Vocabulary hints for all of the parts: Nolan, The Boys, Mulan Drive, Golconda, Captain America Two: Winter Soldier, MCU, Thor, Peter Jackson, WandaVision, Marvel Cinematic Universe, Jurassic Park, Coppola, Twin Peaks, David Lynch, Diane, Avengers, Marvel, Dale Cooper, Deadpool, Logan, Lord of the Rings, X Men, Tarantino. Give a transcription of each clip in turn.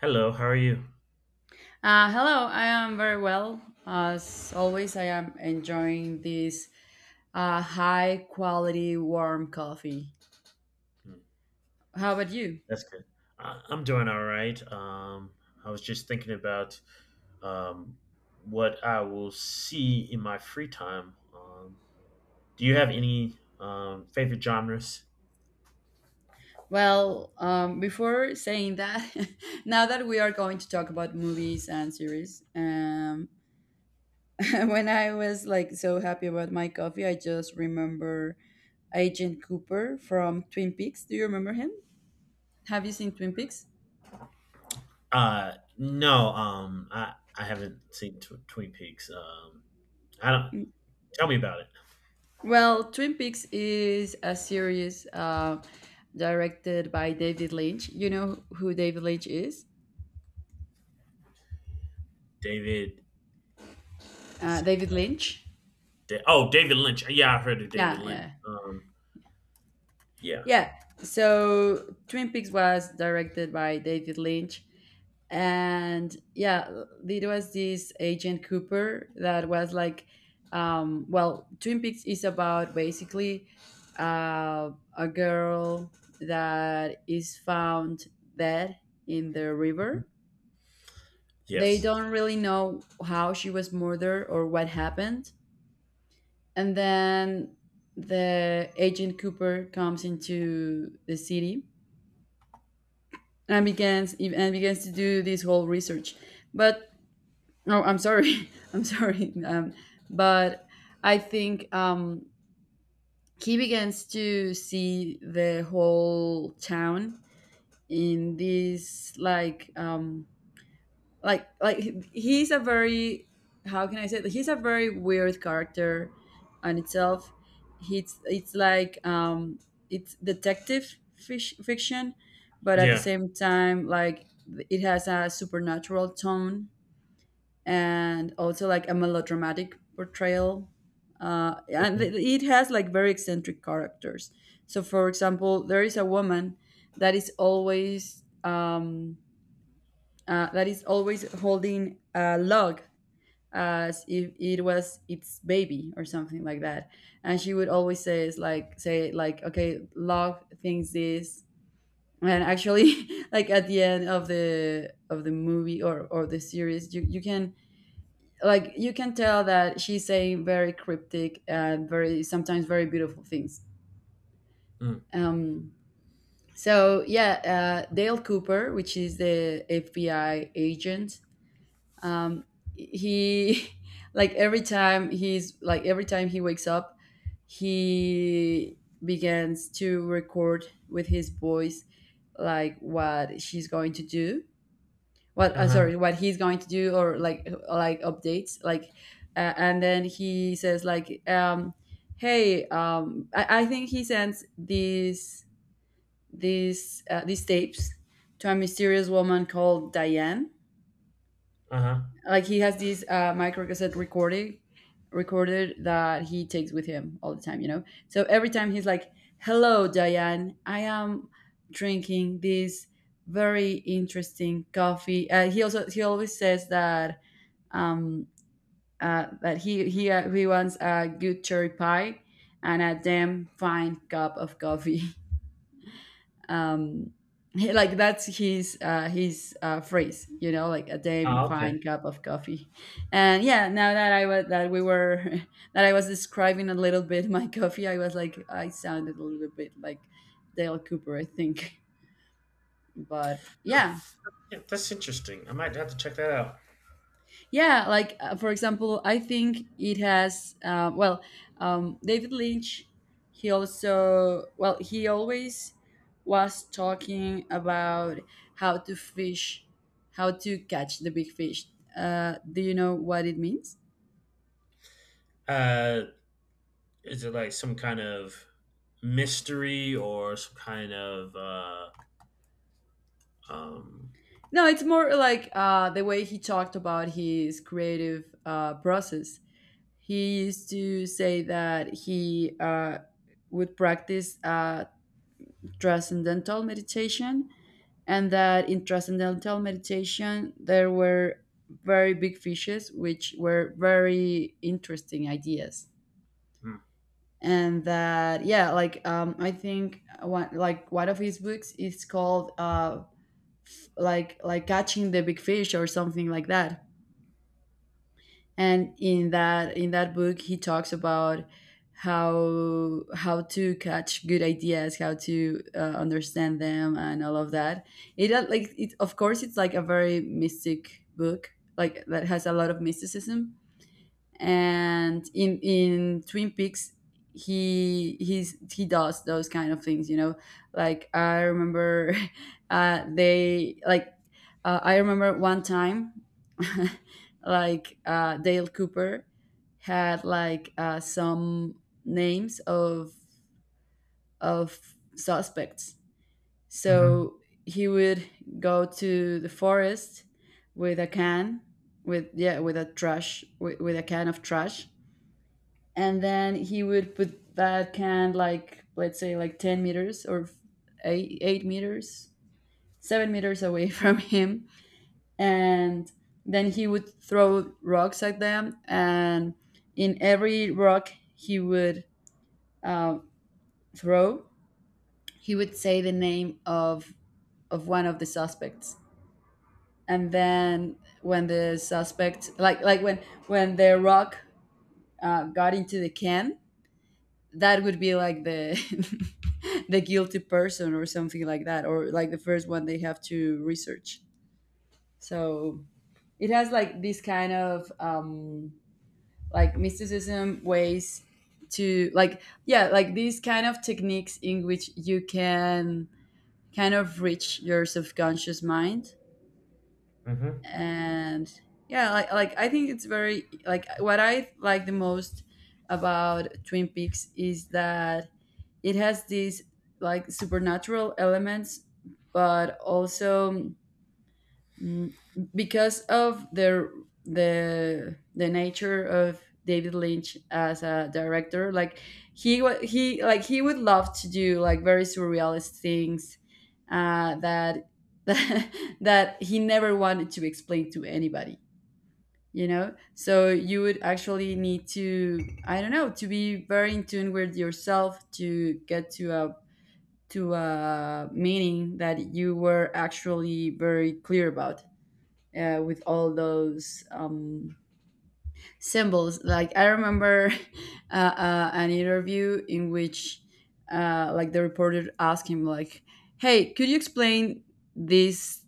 Hello, how are you? Hello, I am very well. As always, I am enjoying this high quality warm coffee. Mm. How about you? That's good. I'm doing all right. I was just thinking about um, what I will see in my free time. Do you have any favorite genres? Well, before saying that, now that we are going to talk about movies and series, when I was like so happy about my coffee, I just remember Agent Cooper from Twin Peaks. Do you remember him? Have you seen Twin Peaks? Uh, no, I haven't seen Twin Peaks. I don't. Tell me about it. Well, Twin Peaks is a series directed by David Lynch. You know who David Lynch is? David. Is it David Lynch? Oh, David Lynch. Yeah, I've heard of David Yeah, Lynch. yeah. Yeah. Yeah. So Twin Peaks was directed by David Lynch. And yeah, it was this agent Cooper that was like, well, Twin Peaks is about basically uh, a girl that is found dead in the river. They Yes. don't really know how she was murdered or what happened. And then the agent Cooper comes into the city and begins to do this whole research. But no, I'm sorry, I'm sorry. But I think, he begins to see the whole town in this like like he's a very — how can I say that — he's a very weird character on itself. It's like it's detective fiction, but at the Yeah. same time, like, it has a supernatural tone and also like a melodramatic portrayal. And it hmm it has like very eccentric characters. So, for example, there is a woman that is always um, that is always holding a log as if it was its baby or something like that. And she would always say, is like say like, okay, love thinks this. And actually, like at the end of the movie or the series, you can like you can tell that she's saying very cryptic and very sometimes very beautiful things. Mm. Um, so yeah, Dale Cooper, which is the FBI agent, um he like every time he wakes up, he begins to record with his voice like what she's going to do — what Uh I'm huh. sorry what he's going to do, or like updates, and then he says hey, I think he sends these these tapes to a mysterious woman called Diane. Uh huh. Like he has this micro cassette recording recorded that he takes with him all the time, you know. So every time he's like, "Hello, Diane, I am drinking this very interesting coffee." He always says that, um, that he wants a good cherry pie and a damn fine cup of coffee. um like that's his phrase, you know, like a damn Oh, okay. fine cup of coffee. And yeah, now that I was that we were that I was describing a little bit my coffee. I was like, I sounded a little bit like Dale Cooper, I think. But Hmm. yeah. Yeah, that's interesting. I might have to check that out. Yeah, like, for example, I think it has. Well, David Lynch, he also well, he always was talking about how to fish, how to catch the big fish. Do you know what it means? Uh, is it like some kind of mystery or some kind of um? No, it's more like, the way he talked about his creative, process. He used to say that he, would practice, transcendental meditation, and that in transcendental meditation there were very big fishes which were very interesting ideas. And that, yeah, like, I think one of his books is called, like catching the big fish or something like that. And in that book he talks about how to catch good ideas, how to understand them, and all of that. It it of course it's like a very mystic book, like that has a lot of mysticism. And in Twin Peaks, he does those kind of things, you know. Like I remember, they like I remember one time, like Dale Cooper had, like, some names of suspects, Mm-hmm. so he would go to the forest with a can, with — yeah, with a can of trash. And then he would put that can, like, let's say, like, 10 meters, or 8 meters, 7 meters away from him. And then he would throw rocks at them, and in every rock he would uh, throw he would say the name of one of the suspects. And then, when the suspect like when the rock, got into the can, that would be like the the guilty person, or something like that, or like the first one they have to research. So it has like this kind of, like, mysticism ways to, like, yeah, like, these kind of techniques in which you can kind of reach your subconscious mind. Mm-hmm. And yeah, like, I think it's very — like, what I like the most about Twin Peaks is that it has these like supernatural elements, but also, mm, because of the nature of David Lynch as a director, like, he would love to do like very surrealist things, that that he never wanted to explain to anybody. You know, so you would actually need to — I don't know — to be very in tune with yourself, to get to a, meaning that you were actually very clear about, with all those, symbols. Like I remember, an interview in which, like, the reporter asked him, like, "Hey, could you explain this?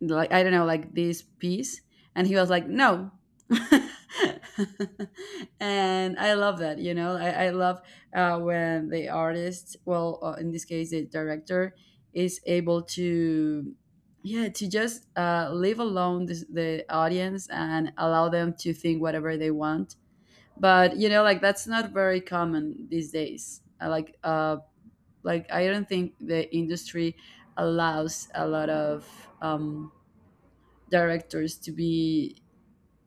Like, I don't know, like, this piece?" And he was like, "No." And I love that, you know. I love, when the artist — well, in this case, the director — is able to, yeah, to just, leave alone the audience, and allow them to think whatever they want. But you know, like, that's not very common these days. Like I don't think the industry allows a lot of, um directors, to be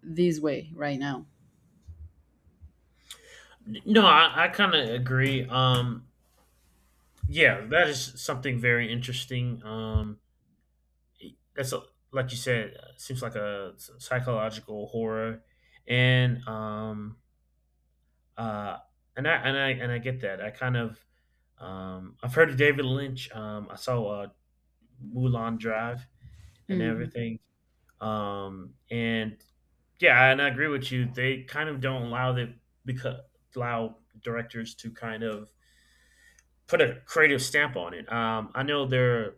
this way right now. No, I kind of agree. Yeah, that is something very interesting. That's a, like you said, seems like a psychological horror, and uh, I get that. I've heard of David Lynch. I saw Mulan Drive and Hmm. everything. And yeah, and I agree with you. They kind of don't allow the because allow directors to kind of put a creative stamp on it. I know they're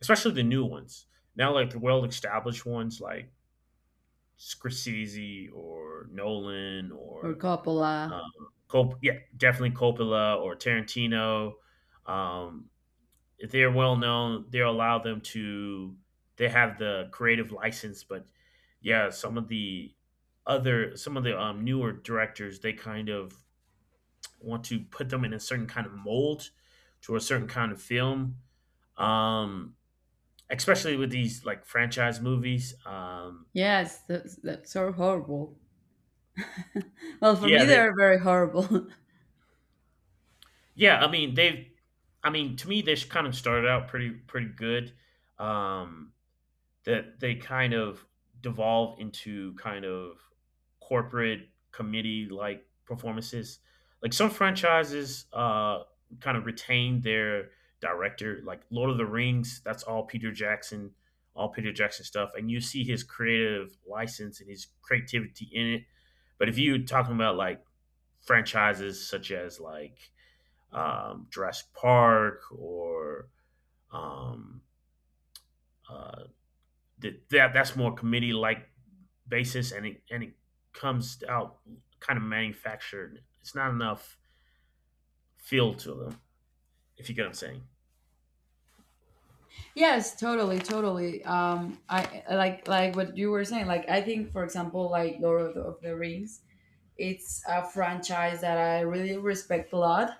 especially the new ones now, like the well established ones like Scorsese or Nolan Or or Coppola. um, yeah, definitely Coppola or Tarantino. Um, they're well known, they allow them to they have the creative license, but yeah, some of the other some of the newer directors they kind of want to put them in a certain kind of mold to a certain kind of film. Um, Especially with these like franchise movies. Yes, that's so horrible. Well, for me Yeah, they're very horrible. I mean they've I mean to me they kind of started out pretty good. Um, that they kind of devolve into kind of corporate committee like performances. Like some franchises kind of retain their director, like Lord of the Rings, that's all Peter Jackson stuff. And you see his creative license and his creativity in it. But if you're talking about like franchises such as like Jurassic Park or um, uh, that's more committee like basis and it comes out kind of manufactured. It's not enough feel to them, if you get what I'm saying. Yes, totally, totally. I like what you were saying. Like I think, for example, like Lord of the Rings, it's a franchise that I really respect a lot,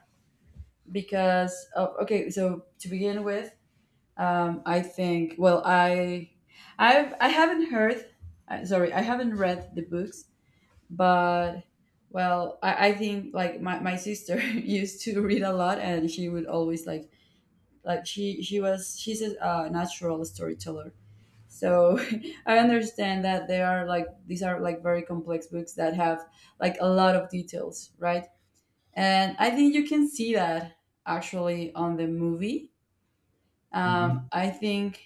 because of — okay. So to begin with, I think — well, I haven't heard — sorry, I haven't read the books, but, well, I think like my sister used to read a lot, and she would always, like — she's a, natural storyteller, so I understand that they are like these are like very complex books that have like a lot of details, right? And I think you can see that actually on the movie. Mm-hmm. I think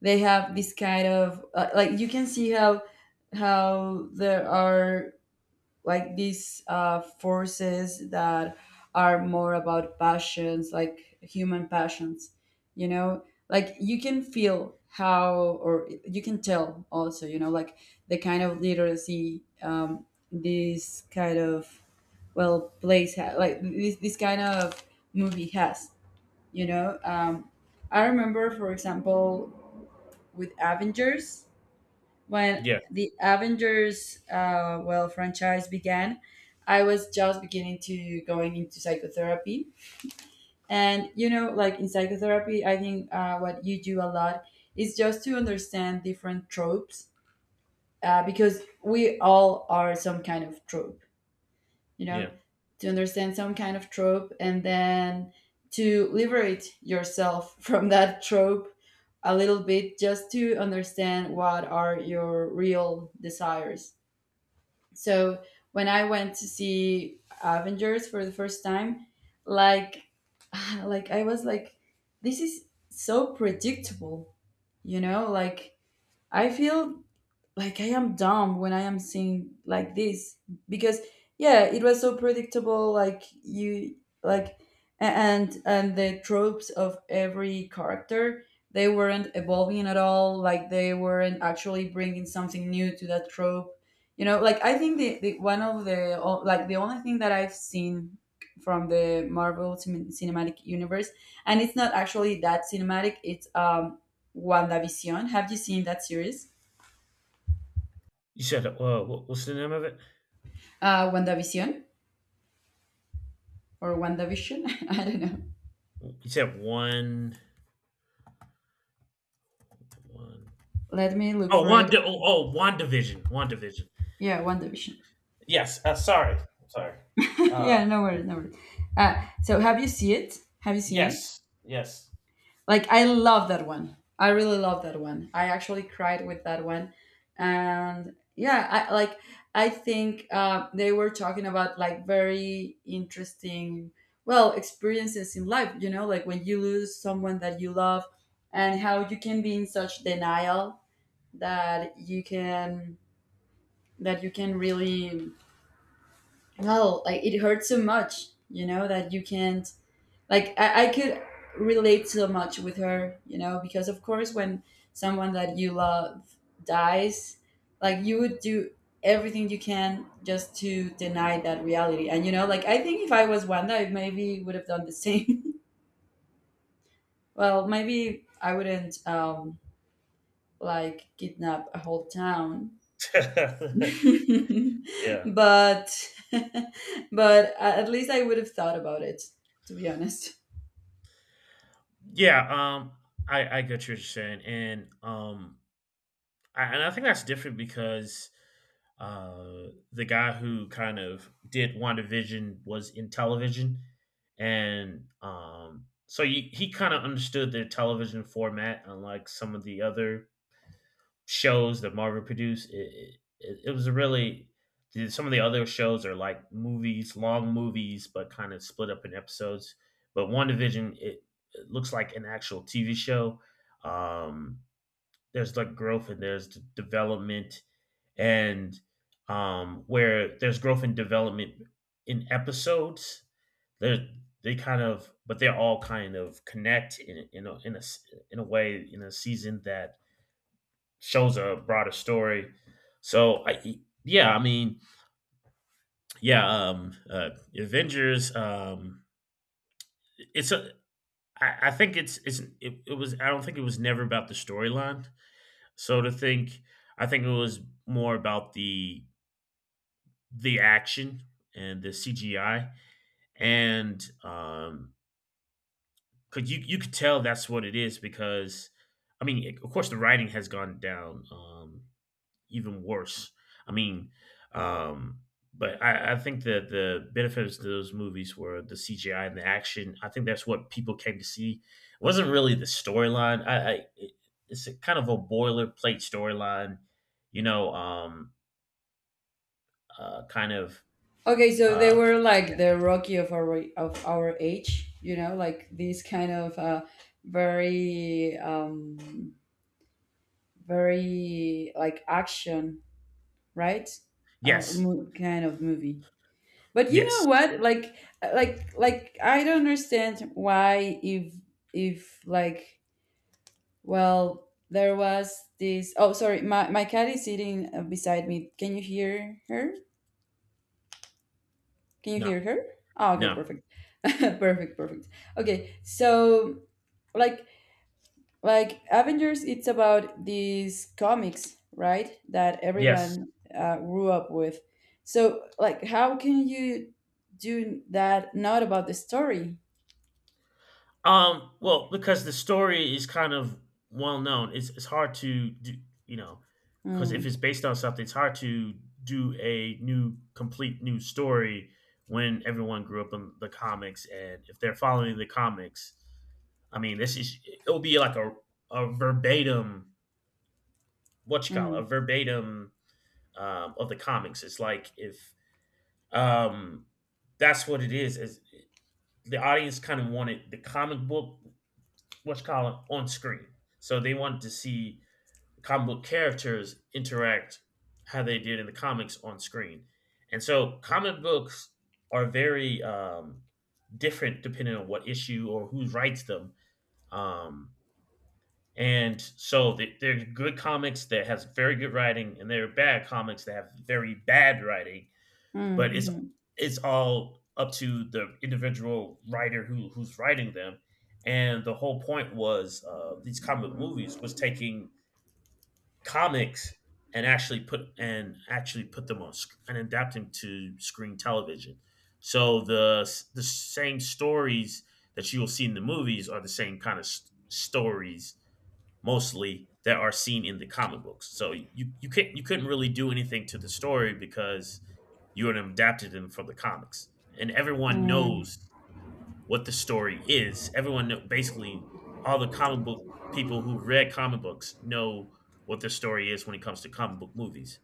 they have this kind of, like you can see how there are like these, forces, that are more about passions, like human passions, you know, like you can feel how, or you can tell also, you know, like the kind of literacy, this kind of, well, place, like this kind of movie has, you know. I remember, for example, with Avengers, when Yeah, the Avengers, well, franchise began, I was just beginning to going into psychotherapy. And you know, like in psychotherapy, I think, what you do a lot is just to understand different tropes, because we all are some kind of trope, you know, yeah. to understand some kind of trope and then to liberate yourself from that trope a little bit, just to understand what are your real desires. So when I went to see Avengers for the first time, like, like, I was like, this is so predictable, you know? Like I feel like I am dumb when I am seeing like this, because, yeah, it was so predictable. Like you, like, and the tropes of every character, they weren't evolving at all. Like they weren't actually bringing something new to that trope. You know, like, I think the one of the o- like the only thing that I've seen from the Marvel, cinematic universe, and it's not actually that cinematic. It's, WandaVision. Have you seen that series? You said what's the name of it? WandaVision, or WandaVision? I don't know. You said one, one. Let me look Oh, for one. it. Oh, one division. One division. Yeah, WandaVision. Yes. Sorry. Sorry. Uh, Yeah, no worries, no worries. So have you seen it? Have you seen it? yes. Yes. Like, I love that one. I really love that one. I actually cried with that one. And yeah, I think they were talking about like very interesting, well, experiences in life, like when you lose someone that you love and how you can be in such denial that you can that you can really well like it hurts so much that you can't. I could relate so much with her because of course when someone that you love dies like you would do everything you can just to deny that reality and like I think if I was Wanda I maybe would have done the same. Well maybe I wouldn't like kidnap a whole town. yeah. But but at least I would have thought about it, to be honest. Yeah. Um, I get what you're saying, and and I think that's different because the guy who kind of did WandaVision was in television, and he kind of understood the television format, unlike some of the other shows that Marvel produced. It was a really some of the other shows are like movies, long movies, but kind of split up in episodes. But WandaVision, it looks like an actual TV show. Um, there's like growth and there's development, and where there's growth and development in episodes, they they kind of, but they all kind of connect in a way in a season that shows a broader story. So I yeah I mean yeah Avengers, it's a I think it's it, it was I don't think it was never about the storyline. So to think, I think it was more about the action and the CGI, and could you you could tell that's what it is because, I mean, of course, the writing has gone down, even worse. I mean, um, I think that the benefits of those movies were the CGI and the action. I think that's what people came to see. It wasn't really the storyline. It's a kind of a boilerplate storyline you know um uh, kind of Okay, so they uh, were like the Rocky of our age, you know, like these kind of very very like action, right? Yes, Kind of movie. But you yes, know what? Like I don't understand why if if like Well, there was this. Oh, sorry. My cat is sitting beside me. Can you hear her? Can you hear no, her? Oh, okay, no, perfect. Perfect, perfect. Okay, so like like Avengers, it's about these comics, right? That yes. everyone grew up with. So like, how can you do that? Not about the story. Well, because the story is kind of well known, it's hard to do, you know, because if Mm, it's based on something, it's hard to do a new, complete new story when everyone grew up in the comics, and if they're following the comics, I mean, this is it'll be like a verbatim, what you call it, a mm, verbatim, of the comics. It's like if Um, that's what it is. Is the audience kind of wanted the comic book, what's called, on screen. So they wanted to see the comic book characters interact how they did in the comics on screen. And so comic books are very different depending on what issue or who writes them. Um, and so there are good comics that has very good writing, and there are bad comics that have very bad writing, mm, but it's mhm, it's all up to the individual writer who's writing them. And the whole point was, these comic movies was taking comics and actually put them on sc- and adapting to screen television. So the same stories that you will see in the movies are the same kind of s stories, mostly, that are seen in the comic books. So you couldn't really do anything to the story because you had adapted them from the comics, and everyone mm. knows what the story is. Everyone know, basically all the comic book people who read comic books know what the story is when it comes to comic book movies.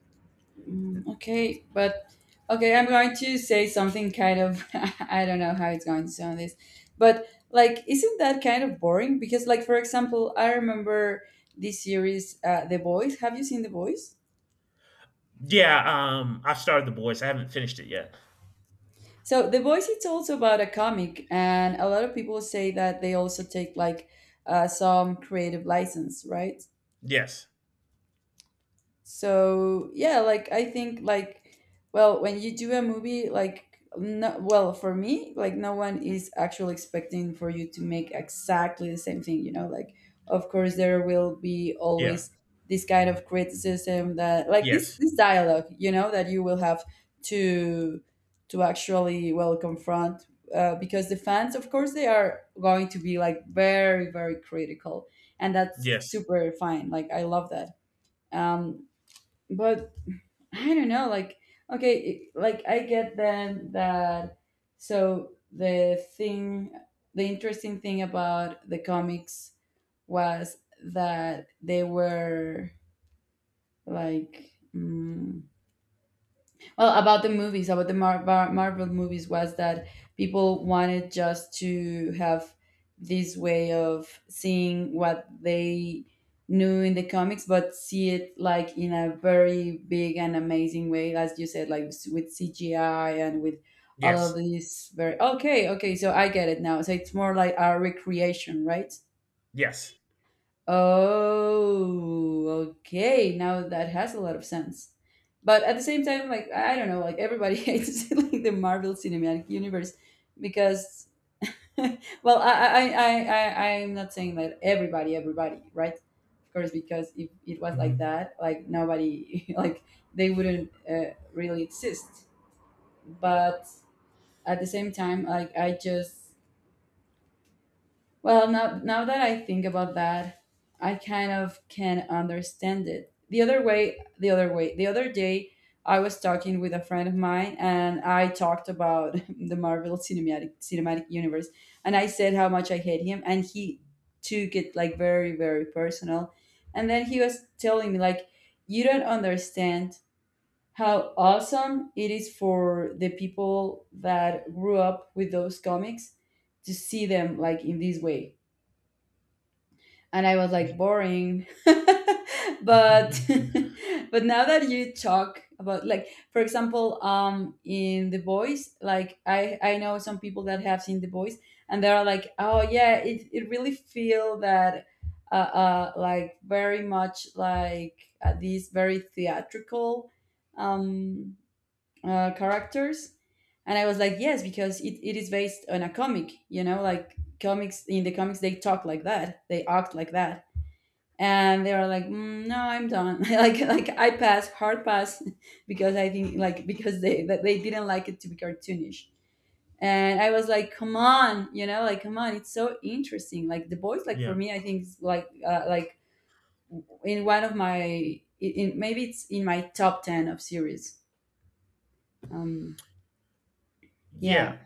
Mm. Okay, but okay, I'm going to say something kind of I don't know how it's going to sound this, but like isn't that kind of boring? Because like for example, I remember this series, The Boys. Have you seen The Boys? Yeah, I've started The Boys. I haven't finished it yet. So The Voice. It's also about a comic, and a lot of people say that they also take like some creative license, right? Yes. So yeah like I think like well when you do a movie like no, well for me like no one is actually expecting for you to make exactly the same thing like of course there will be Yeah. always this kind of criticism that like this Yes. this dialogue that you will have to to actually well confront because the fans of course they are going to be like very very critical and that's Yes. super fine like I love that. um, but I don't know, like okay, like I get then that so the thing the interesting thing about the comics was that they were like well about the movies about the Marvel movies was that people wanted just to have this way of seeing what they knew in the comics but see it like in a very big and amazing way as you said like with CGI and with all of Yes. these very okay okay so I get it now so it's more like a recreation right. Yes. Oh, okay. Now that has a lot of sense. But at the same time, like I don't know, like everybody hates like the Marvel Cinematic Universe because, well, I'm not saying that everybody right, of course, because if it was like Hmm. that, like nobody like they wouldn't really exist. But at the same time, like I just well, now that I think about that, I kind of can understand it. The other day, I was talking with a friend of mine, and I talked about the Marvel cinematic universe, and I said how much I hate him, and he took it like very very personal, and then he was telling me like, you don't understand how awesome it is for the people that grew up with those comics to see them like in this way and I was like boring. But but now that you talk about like for example in The Voice, like I know some people that have seen The Voice and they're like, "Oh yeah, it really feel that uh, like very much like these very theatrical um characters." And I was like, "Yes, because it is based on a comic, you know, like comics in the comics they talk like that they act like that and they were like no I'm done." Like I pass, hard pass. Because I think like because they didn't like it to be cartoonish and I was like come on you know like come on it's so interesting like The Boys, like for yeah. me I think it's like in maybe it's in my top 10 of series. um yeah. Yeah.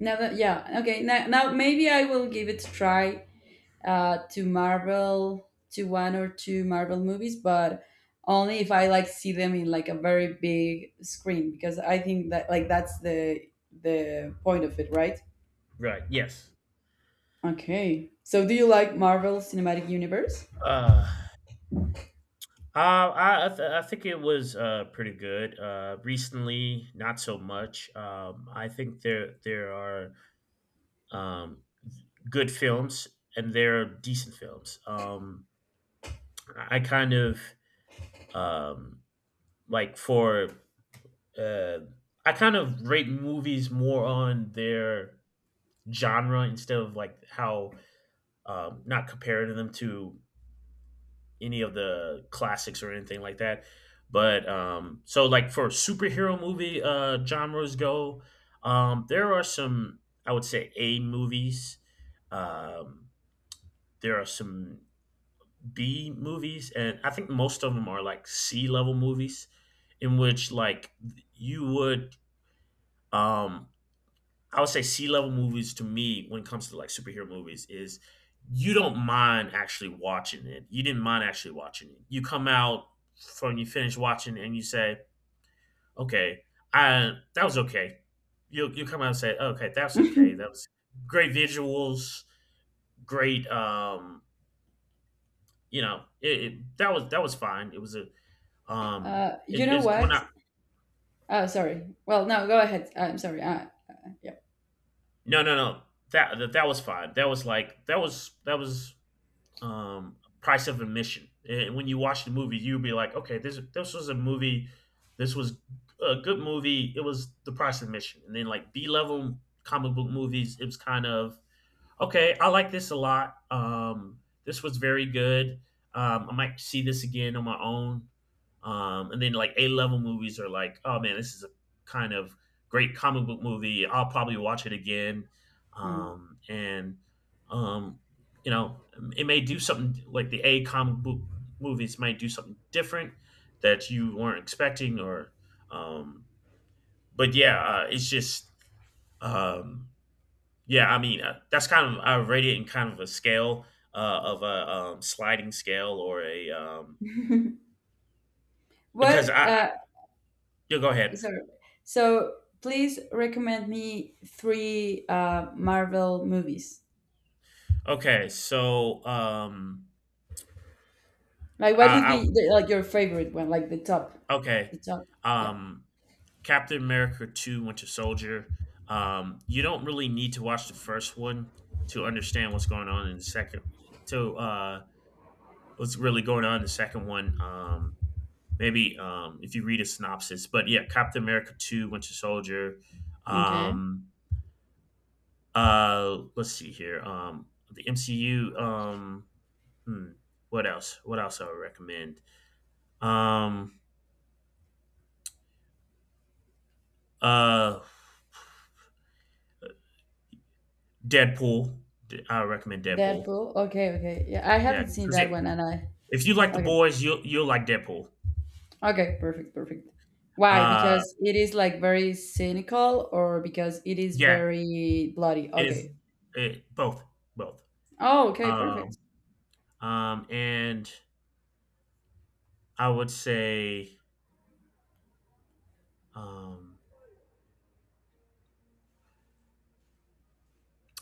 Now that yeah okay now, now maybe I will give it a try to Marvel, to one or two Marvel movies, but only if I like see them in like a very big screen because I think that like that's the point of it, right? Right. Yes. Okay. So do you like Marvel Cinematic Universe? Uh, I think it was pretty good. Recently, not so much. I think there are um good films and there are decent films. I kind of um like for uh I kind of rate movies more on their genre instead of like how, not comparing them to any of the classics or anything like that. But so like for superhero movie genres go, there are some I would say A movies. Um, there are some B movies, and I think most of them are like C level movies, in which like you would um, I would say C level movies to me when it comes to like superhero movies is you don't mind actually watching it. You didn't mind actually watching it. You come out from you finish watching it and you say, okay, I that was okay. You come out and say, okay, that's okay. That was great visuals, great. You know, it that was fine. It was a you it know is when what? I Oh, sorry. Well, no, go ahead. I'm sorry. Yeah. No, no, no, that was fine. That was like that was that was, price of admission. And when you watch the movie, you'll be like, okay, this was a movie, this was a good movie. It was the price of admission. And then like B level comic book movies, it was kind of okay, I like this a lot. This was very good. I might see this again on my own. And then like A level movies are like, oh man, this is a kind of great comic book movie. I'll probably watch it again. Mm. Um, and um, you know, it may do something like the A comic book movies might do something different that you weren't expecting, or um, but yeah, it's just um, yeah, I mean, that's kind of I rate it in kind of a scale, uh, of a sliding scale or a, because What? I you go ahead. Sorry. So please recommend me three Marvel movies. Okay, so Like, what would be I, the, like your favorite one? Like I okay, the top. Yeah, um, Captain America 2: Winter Soldier. You don't really need to watch the first one to understand what's going on in the second. To What's really going on in the second one. Maybe If you read a synopsis, but yeah, Captain America 2: Winter Soldier. okay. Um, let's see here. The MCU. Hmm, what else? What else I would recommend? Um, uh, Deadpool. I recommend Deadpool. Deadpool. Okay, okay. Yeah, I Yeah, haven't seen because that one, and I. if you like the Okay, boys, you'll like Deadpool. okay, perfect, perfect. Why? Uh, Because it is like very cynical, or because it is yeah, very bloody. it is Okay. it, both both. Oh, okay, Um, perfect. And I would say um,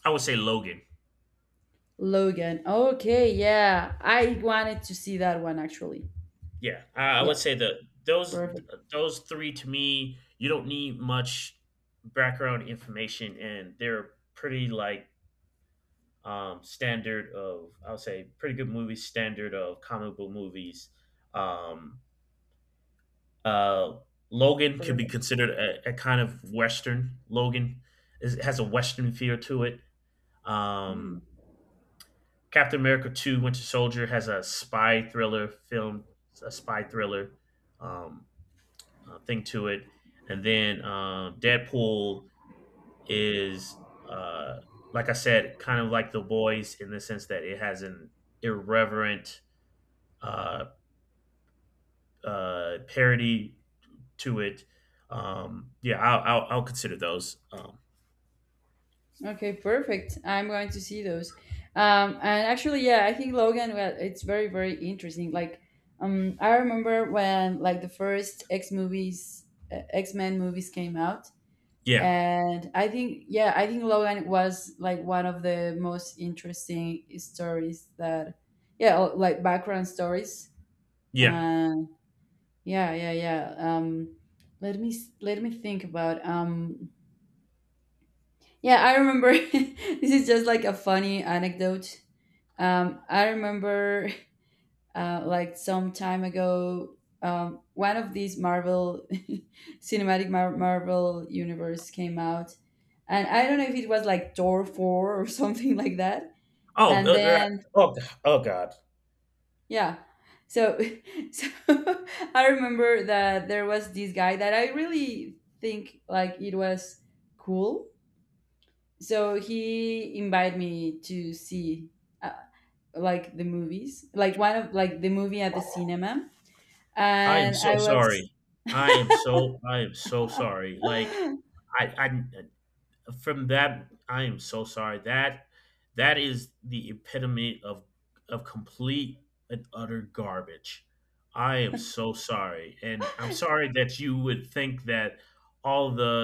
I would say Logan. Logan. Okay, yeah, I wanted to see that one actually. Yeah, I Yeah, would say that those perfect, those three to me, you don't need much background information, and they're pretty, like, standard of I would say pretty good movies, standard of comic book movies. Um, uh, Logan could be perfect. considered a kind of Western. Logan is has a Western feel to it. Hmm. Um, Captain America 2: Winter Soldier has a spy thriller film, a spy thriller. Um Thing to it. And then Deadpool is, uh, like I said, kind of like The Boys in the sense that it has an irreverent uh, parody to it. Yeah, I'll consider those. Okay, perfect. I'm going to see those. And actually, yeah, I think Logan, well, it's very, very interesting. Like, I remember when like the first X movies, X Men movies came out, Yeah, and I think, yeah, I think Logan was like one of the most interesting stories that, yeah, or, like background stories. yeah. And yeah, yeah, yeah. Let me think about. Yeah, I remember. This is just like a funny anecdote. I remember, like some time ago, one of these Marvel cinematic Marvel universe came out, and I don't know if it was like Thor 4 or something like that. Oh, And then, God! yeah, so so I remember that there was this guy that I really think like it was cool. So he invited me to see uh, like the movies, like one of like the movie at the cinema I am and so I was sorry. I am so sorry. Like, I I I am so sorry that that is the epitome of complete and utter garbage. I am so sorry, and I'm sorry that you would think that all the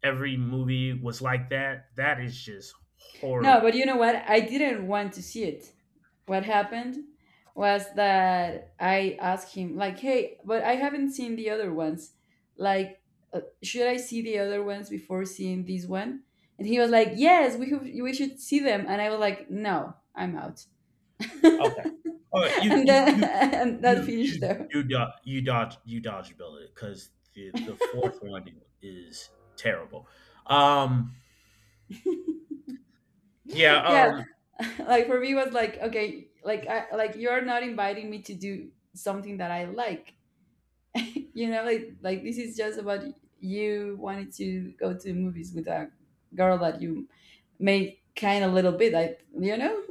every movie was like that. That is just no, but horrible. you know what? I didn't want to see it. What happened was that I asked him like, "Hey, but I haven't seen the other ones. Like, should I see the other ones before seeing this one?" And he was like, "Yes, we have, we should see them." And I was like, "No, I'm out." Okay, all right, you And you then you and that you finished you there. you dodge you dodge you dodge bullet, because the fourth one is terrible. um yeah, Yeah, um, like for me it was like, okay, like I like you're not inviting me to do something that I like, you know like this is just about you wanted to go to movies with a girl that you made kind a little bit I you know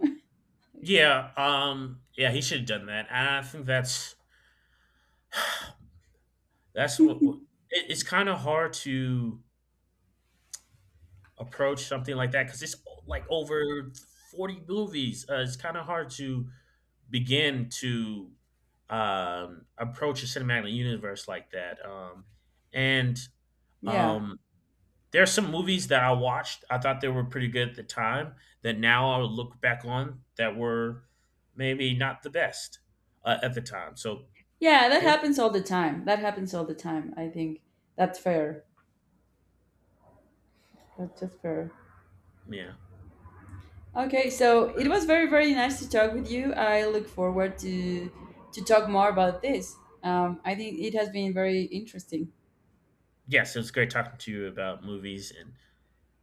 it's, yeah, he should have done that, and I think that's what, it's kind of hard to approach something like that because it's like over 40 movies. It's kind of hard to begin to, approach a cinematic universe like that. And yeah. um, there are some movies that I watched. I thought they were pretty good at the time. That now I'll look back on that were maybe not the best, at the time. So when That happens all the time I think. That's fair. That's just fair. Yeah. Okay so it Uh, was very very nice to talk with you I look forward to talk more about this I think it has been very interesting. yes, it was great talking to you about movies,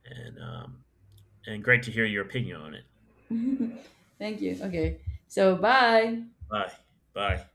and um, and great to hear your opinion on it. Thank you okay so bye. Bye. Bye.